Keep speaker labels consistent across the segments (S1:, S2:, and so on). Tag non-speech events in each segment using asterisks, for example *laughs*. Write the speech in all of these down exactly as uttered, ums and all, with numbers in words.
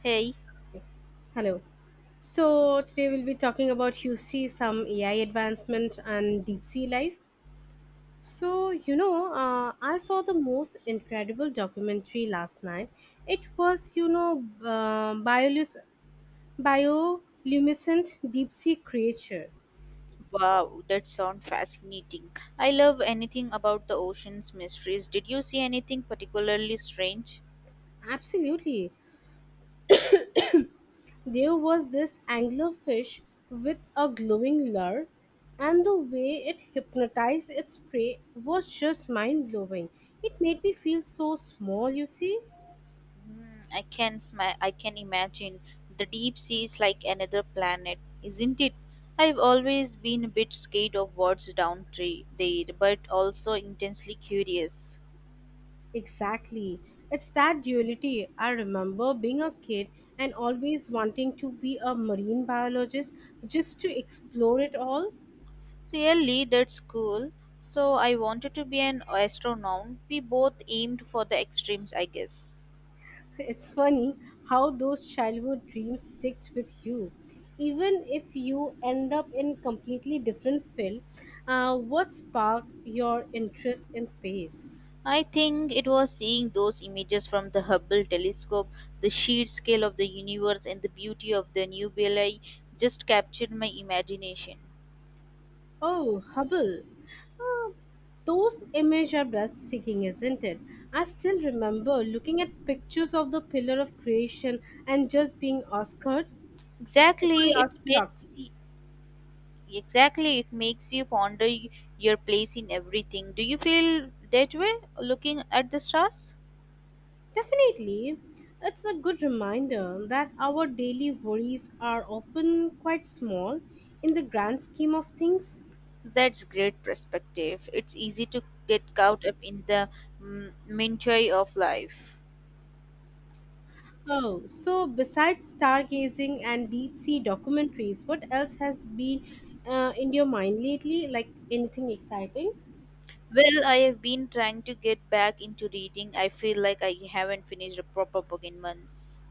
S1: Hey,
S2: Hello. So today we'll be talking about you see some A I advancement and deep sea life. So you know, uh, I saw the most incredible documentary last night. It was you know uh, biolus- bioluminescent deep sea creature.
S1: wow, that sounds fascinating. I love anything about the ocean's mysteries. Did you see anything particularly strange?
S2: Absolutely, there was this anglerfish with a glowing lure, and the way it hypnotized its prey was just mind blowing. It made me feel so small. You see.
S1: Hmm, I can sma- I can imagine the deep sea is like another planet, isn't it? I've always been a bit scared of what's down tre- there, but also intensely curious.
S2: Exactly. It's that duality. I remember being a kid and always wanting to be a marine biologist just to explore it all.
S1: Really, that's cool. So I wanted to be an astronaut. We both aimed for the extremes, I guess.
S2: *laughs* It's funny how those childhood dreams stick with you. Even if you end up in completely different field, uh, what sparked your interest in space?
S1: I think it was seeing those images from the Hubble telescope, the sheer scale of the universe and the beauty of the nebulae just captured my imagination.
S2: Oh, Hubble. Ah, those images are breathtaking, isn't it? I still remember looking at pictures of the Pillar of Creation and just being Oscared, sorry,
S1: Exactly, it
S2: awestruck.
S1: makes exactly it makes you ponder y- your place in everything. Do you feel that way looking at the stars?
S2: Definitely, it's a good reminder that our daily worries are often quite small in the grand scheme of things.
S1: That's great perspective. It's easy to get caught up in the mm, minutiae of life.
S2: Oh, so besides stargazing and deep sea documentaries, what else has been uh, in your mind lately? Like anything exciting?
S1: Well, I have been trying to get back into reading. I feel like I haven't finished a proper book in months.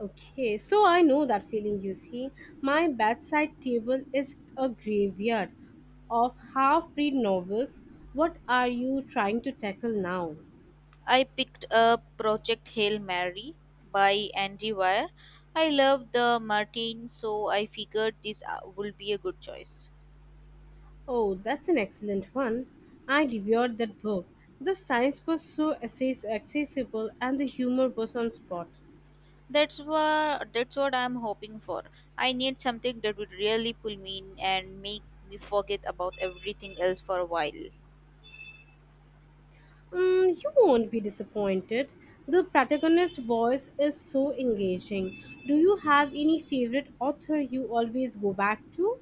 S2: Okay, so I know that feeling you see. My bedside table is a graveyard of half read novels. What are you trying to tackle now?
S1: I picked up Project Hail Mary by Andy Weir. I love the Martin, so I figured this uh, would be a good choice.
S2: Oh, that's an excellent one. I devoured that book. The science was so access- accessible and the humor was on spot.
S1: That's what that's what I'm hoping for. I need something that would really pull me in and make me forget about everything else for a while.
S2: Mm, you won't be disappointed. The protagonist's voice is so engaging. Do you have any favorite author you always go back to?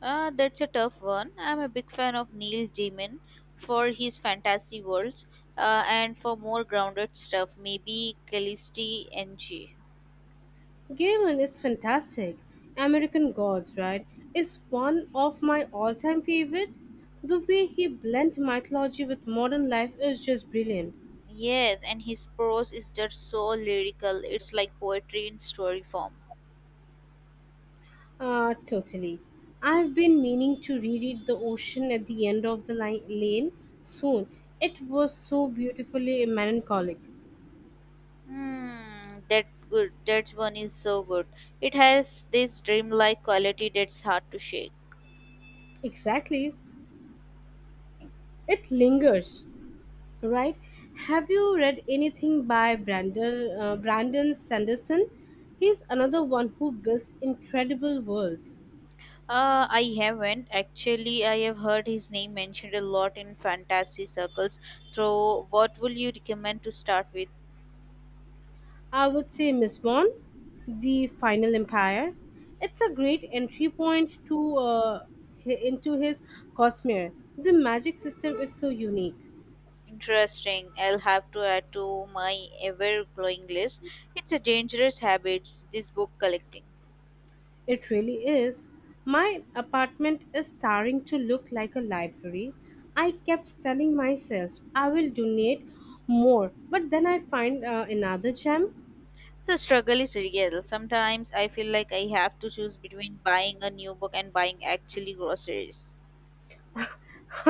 S1: Uh, that's a tough one. I'm a big fan of Neil Gaiman for his fantasy worlds uh, and for more grounded stuff, maybe Callisti N G.
S2: Gaiman is fantastic. American Gods, right, is one of my all time favorite. The way he blends mythology with modern life is just brilliant.
S1: Yes, and his prose is just so lyrical. It's like poetry in story form.
S2: Uh, totally. I've been meaning to reread The Ocean at the End of the Li- Lane soon. It was so beautifully melancholic.
S1: Hmm, that good. That one is so good. It has this dreamlike quality that's hard to shake.
S2: Exactly. It lingers. Right? Have you read anything by Brandon uh, Brandon Sanderson? He's another one who builds incredible worlds.
S1: Uh, I haven't actually. I have heard his name mentioned a lot in fantasy circles. So, what will you recommend to start with?
S2: I would say Miss Bond, The Final Empire. It's a great entry point to uh, hi- into his Cosmere. The magic system is so unique.
S1: Interesting. I'll have to add to my ever growing list. It's a dangerous habit, this book collecting.
S2: It really is. My apartment is starting to look like a library. I kept telling myself I will donate more, but then I find uh, another gem.
S1: The struggle is real. Sometimes I feel like I have to choose between buying a new book and buying actually groceries.
S2: *laughs*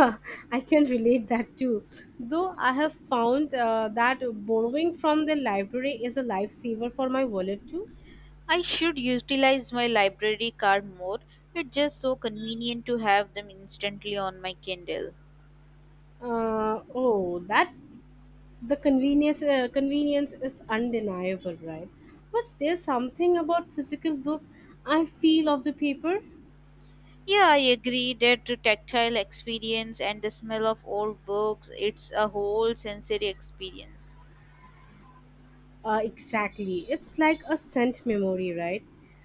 S2: I can relate that too. Though I have found uh, that borrowing from the library is a lifesaver for my wallet too.
S1: I should utilize my library card more. It's just so convenient to have them instantly on my Kindle.
S2: Uh, oh, that the convenience uh, convenience is undeniable, right? But there's something about physical book I feel of the paper.
S1: Yeah, I agree that the tactile experience and the smell of old books, it's a whole sensory experience.
S2: Uh, exactly. It's like a scent memory, right?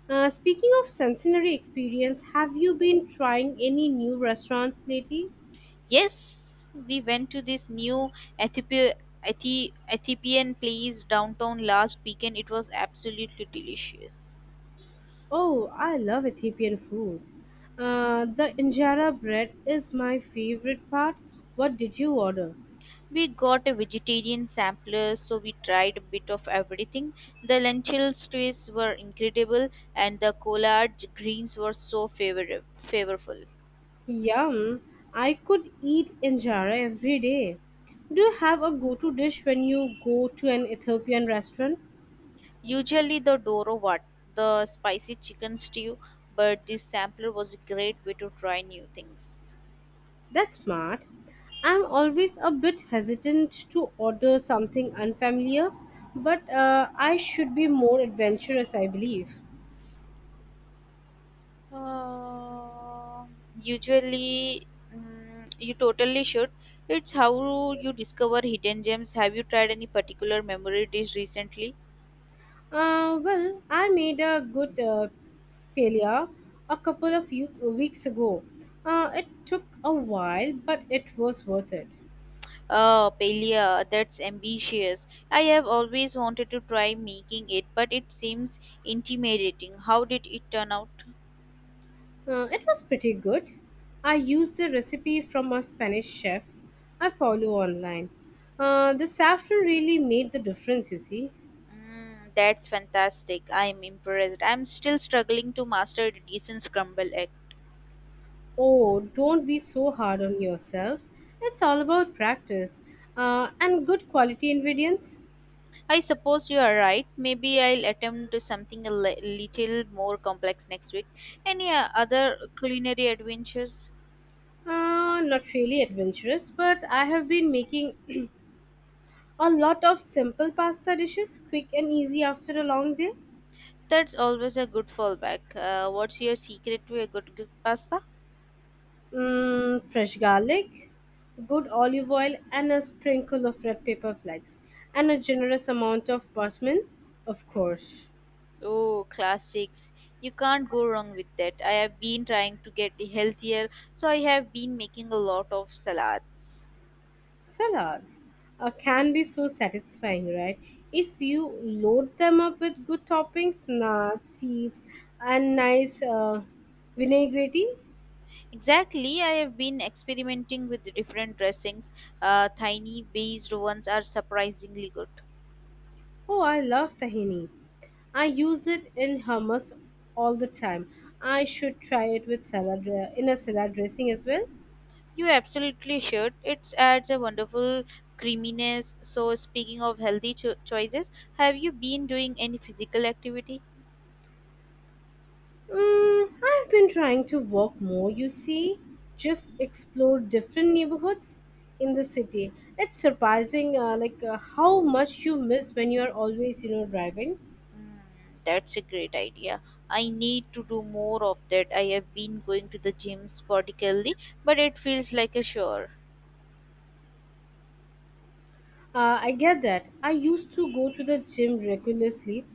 S2: Uh, speaking of sensory experience, have you been trying any new restaurants lately?
S1: Yes, we went to this new Ethiopia, Ethi- Ethiopian place downtown last weekend. It was absolutely delicious.
S2: Oh, I love Ethiopian food. Uh, the injera bread is my favorite part. What did you order?
S1: We got a vegetarian sampler, so we tried a bit of everything. The lentil stews were incredible, and the collard greens were so favor- favorable.
S2: Yum! I could eat injera every day. Do you have a go to dish when you go to an Ethiopian restaurant?
S1: Usually, the doro wat, the spicy chicken stew, but this sampler was a great way to try new things.
S2: That's smart. I'm always a bit hesitant to order something unfamiliar, but uh, I should be more adventurous, I believe.
S1: Uh, usually, mm, you totally should. It's how you discover hidden gems. Have you tried any particular memory dish recently?
S2: Uh, well, I made a good uh, paella a couple of u- weeks ago. Uh, it took a while, but it was worth it.
S1: Oh, paella, that's ambitious. I have always wanted to try making it, but it seems intimidating. How did it turn out?
S2: Uh, it was pretty good. I used the recipe from a Spanish chef I follow online. Uh, the saffron really made the difference, you see.
S1: Mm, that's fantastic. I'm impressed. I'm still struggling to master the decent scrambled egg.
S2: Oh, don't be so hard on yourself. It's all about practice uh, and good quality ingredients.
S1: I suppose you are right. Maybe I'll attempt to something a li- little more complex next week. Any uh, other culinary adventures?
S2: Uh, not really adventurous, but I have been making a lot of simple pasta dishes, quick and easy after a long day.
S1: That's always a good fallback. Uh, what's your secret to a good, good pasta?
S2: Mm, fresh garlic, good olive oil, and a sprinkle of red pepper flakes, and a generous amount of parsley, of course.
S1: Oh, classics. You can't go wrong with that. I have been trying to get healthier, so I have been making a lot of salads.
S2: Salads uh, can be so satisfying, right? If you load them up with good toppings, nuts, seeds, and nice uh, vinaigrette.
S1: Exactly, I have been experimenting with the different dressings. Uh, tiny based ones are surprisingly good.
S2: Oh, I love tahini. I use it in hummus all the time. I should try it with salad uh, in a salad dressing as well.
S1: You absolutely should. It adds a wonderful creaminess. So, speaking of healthy cho- choices, have you been doing any physical activity?
S2: Mm, I've been trying to walk more, you see, just explore different neighborhoods in the city. It's surprising, uh, like uh, how much you miss when you are always, you know, driving.
S1: Mm, that's a great idea. I need to do more of that. I have been going to the gym sporadically, but it feels like a chore.
S2: Uh, I get that. I used to go to the gym regularly,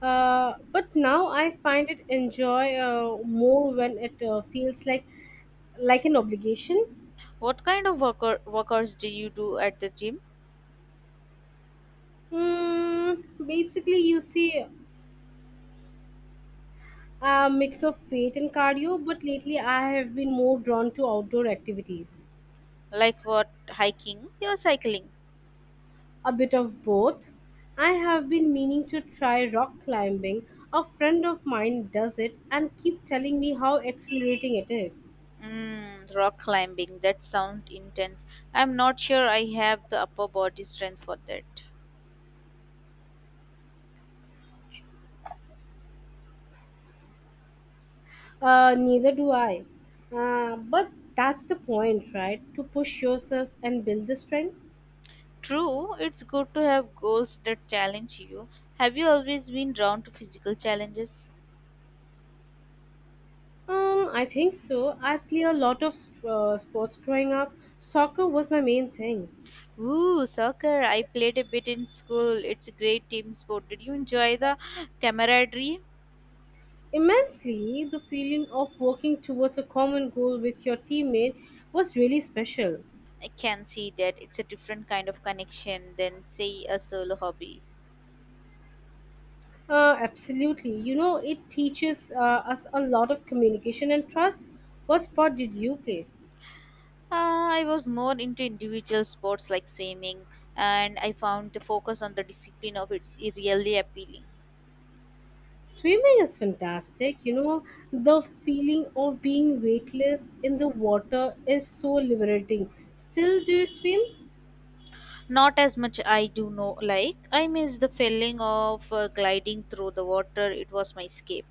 S2: uh, but now I find it enjoy uh, more when it uh, feels like like an obligation.
S1: What kind of worker- workouts do you do at the gym?
S2: Mm, basically, you see, a mix of faith and cardio, but lately I have been more drawn to outdoor activities.
S1: Like what? Hiking or cycling?
S2: A bit of both. I have been meaning to try rock climbing. A friend of mine does it and keep telling me how exhilarating it is.
S1: Mm, rock climbing. That sounds intense. I'm not sure I have the upper body strength for that.
S2: Uh, neither do I. Uh, but that's the point, right? To push yourself and build the strength.
S1: True, it's good to have goals that challenge you. Have you always been drawn to physical challenges?
S2: Um, I think so. I play a lot of st- uh, sports growing up. Soccer was my main thing.
S1: Ooh, soccer. I played a bit in school. It's a great team sport. Did you enjoy the camaraderie?
S2: Immensely, the feeling of working towards a common goal with your teammate was really special.
S1: I can see that it's a different kind of connection than, say, a solo hobby.
S2: Uh, absolutely. You know, it teaches uh, us a lot of communication and trust. What sport did you play?
S1: Uh, I was more into individual sports like swimming, and I found the focus on the discipline of it's really appealing.
S2: Swimming is fantastic. You know, the feeling of being weightless in the water is so liberating. Still, do you swim?
S1: Not as much I do know like. I miss the feeling of uh, gliding through the water. It was my escape.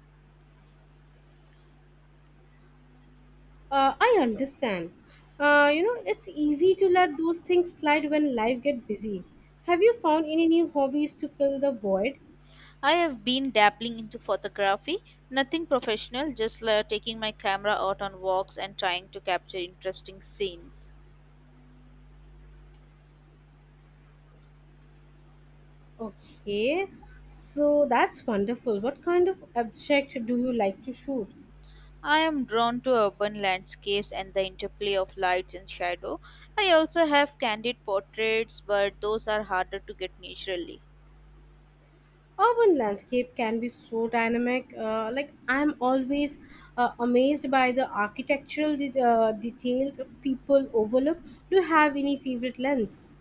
S2: Uh, I understand. Uh, you know, it's easy to let those things slide when life get busy. Have you found any new hobbies to fill the void?
S1: I have been dabbling into photography, nothing professional, just uh, taking my camera out on walks and trying to capture interesting scenes.
S2: Okay, so that's wonderful. What kind of object do you like to shoot?
S1: I am drawn to urban landscapes and the interplay of lights and shadow. I also have candid portraits, but those are harder to get naturally.
S2: Urban landscape can be so dynamic. Uh, like I'm always uh, amazed by the architectural de- uh, details people overlook. Do you have any favorite lens?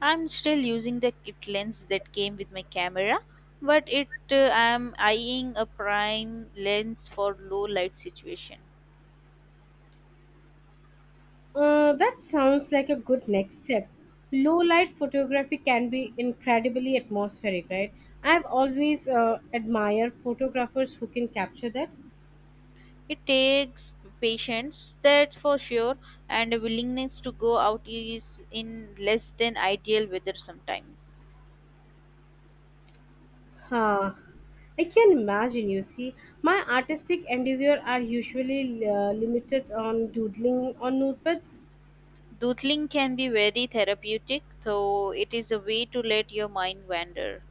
S1: I'm still using the kit lens that came with my camera, but it uh, I'm eyeing a prime lens for low light situation.
S2: Uh, that sounds like a good next step. Low light photography can be incredibly atmospheric, right? I've always uh, admired photographers who can capture that.
S1: It takes patience, that's for sure, and a willingness to go out is in less than ideal weather sometimes.
S2: Huh. I can imagine, you see. My artistic endeavor are usually uh, limited on doodling on notepads.
S1: Doodling can be very therapeutic, though it is a way to let your mind wander.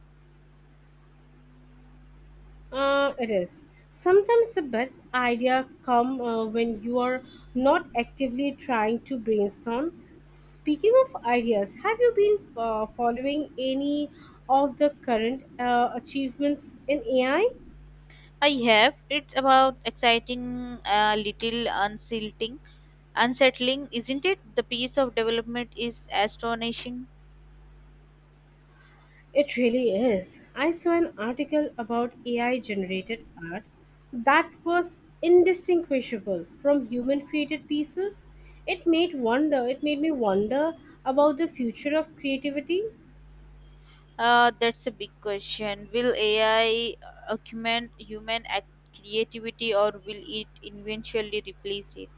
S2: Uh, it is. Sometimes the best idea come uh, when you are not actively trying to brainstorm. Speaking of ideas, have you been uh, following any of the current uh, achievements in A I?
S1: I have. It's about exciting, a little unseating unsettling, isn't it? The pace of development is astonishing.
S2: It really is. I saw an article about A I generated art that was indistinguishable from human created pieces. It made wonder it made me wonder about the future of creativity.
S1: Uh, that's a big question. Will A I augment human act- creativity or will it eventually replace it?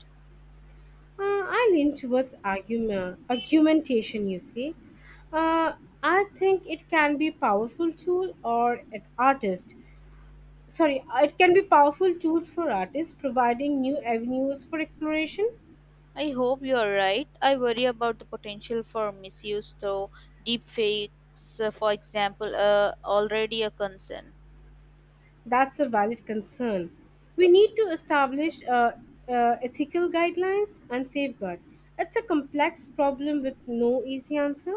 S2: Uh, I lean towards argument, argumentation, you see. Uh, I think it can be powerful tool or an artist. Sorry, uh, it can be powerful tools for artists providing new avenues for exploration.
S1: I hope you are right. I worry about the potential for misuse, though. Deepfakes, uh, for example, are already a concern.
S2: That's a valid concern. We need to establish uh, uh, ethical guidelines and safeguard. It's a complex problem with no easy answer.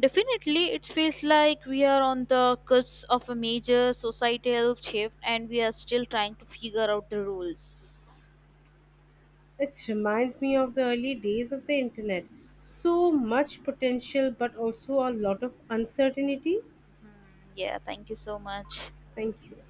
S1: Definitely, it feels like we are on the cusp of a major societal shift and we are still trying to figure out the rules.
S2: It reminds me of the early days of the internet. So much potential, but also a lot of uncertainty.
S1: Hmm, yeah, thank you so much.
S2: Thank you.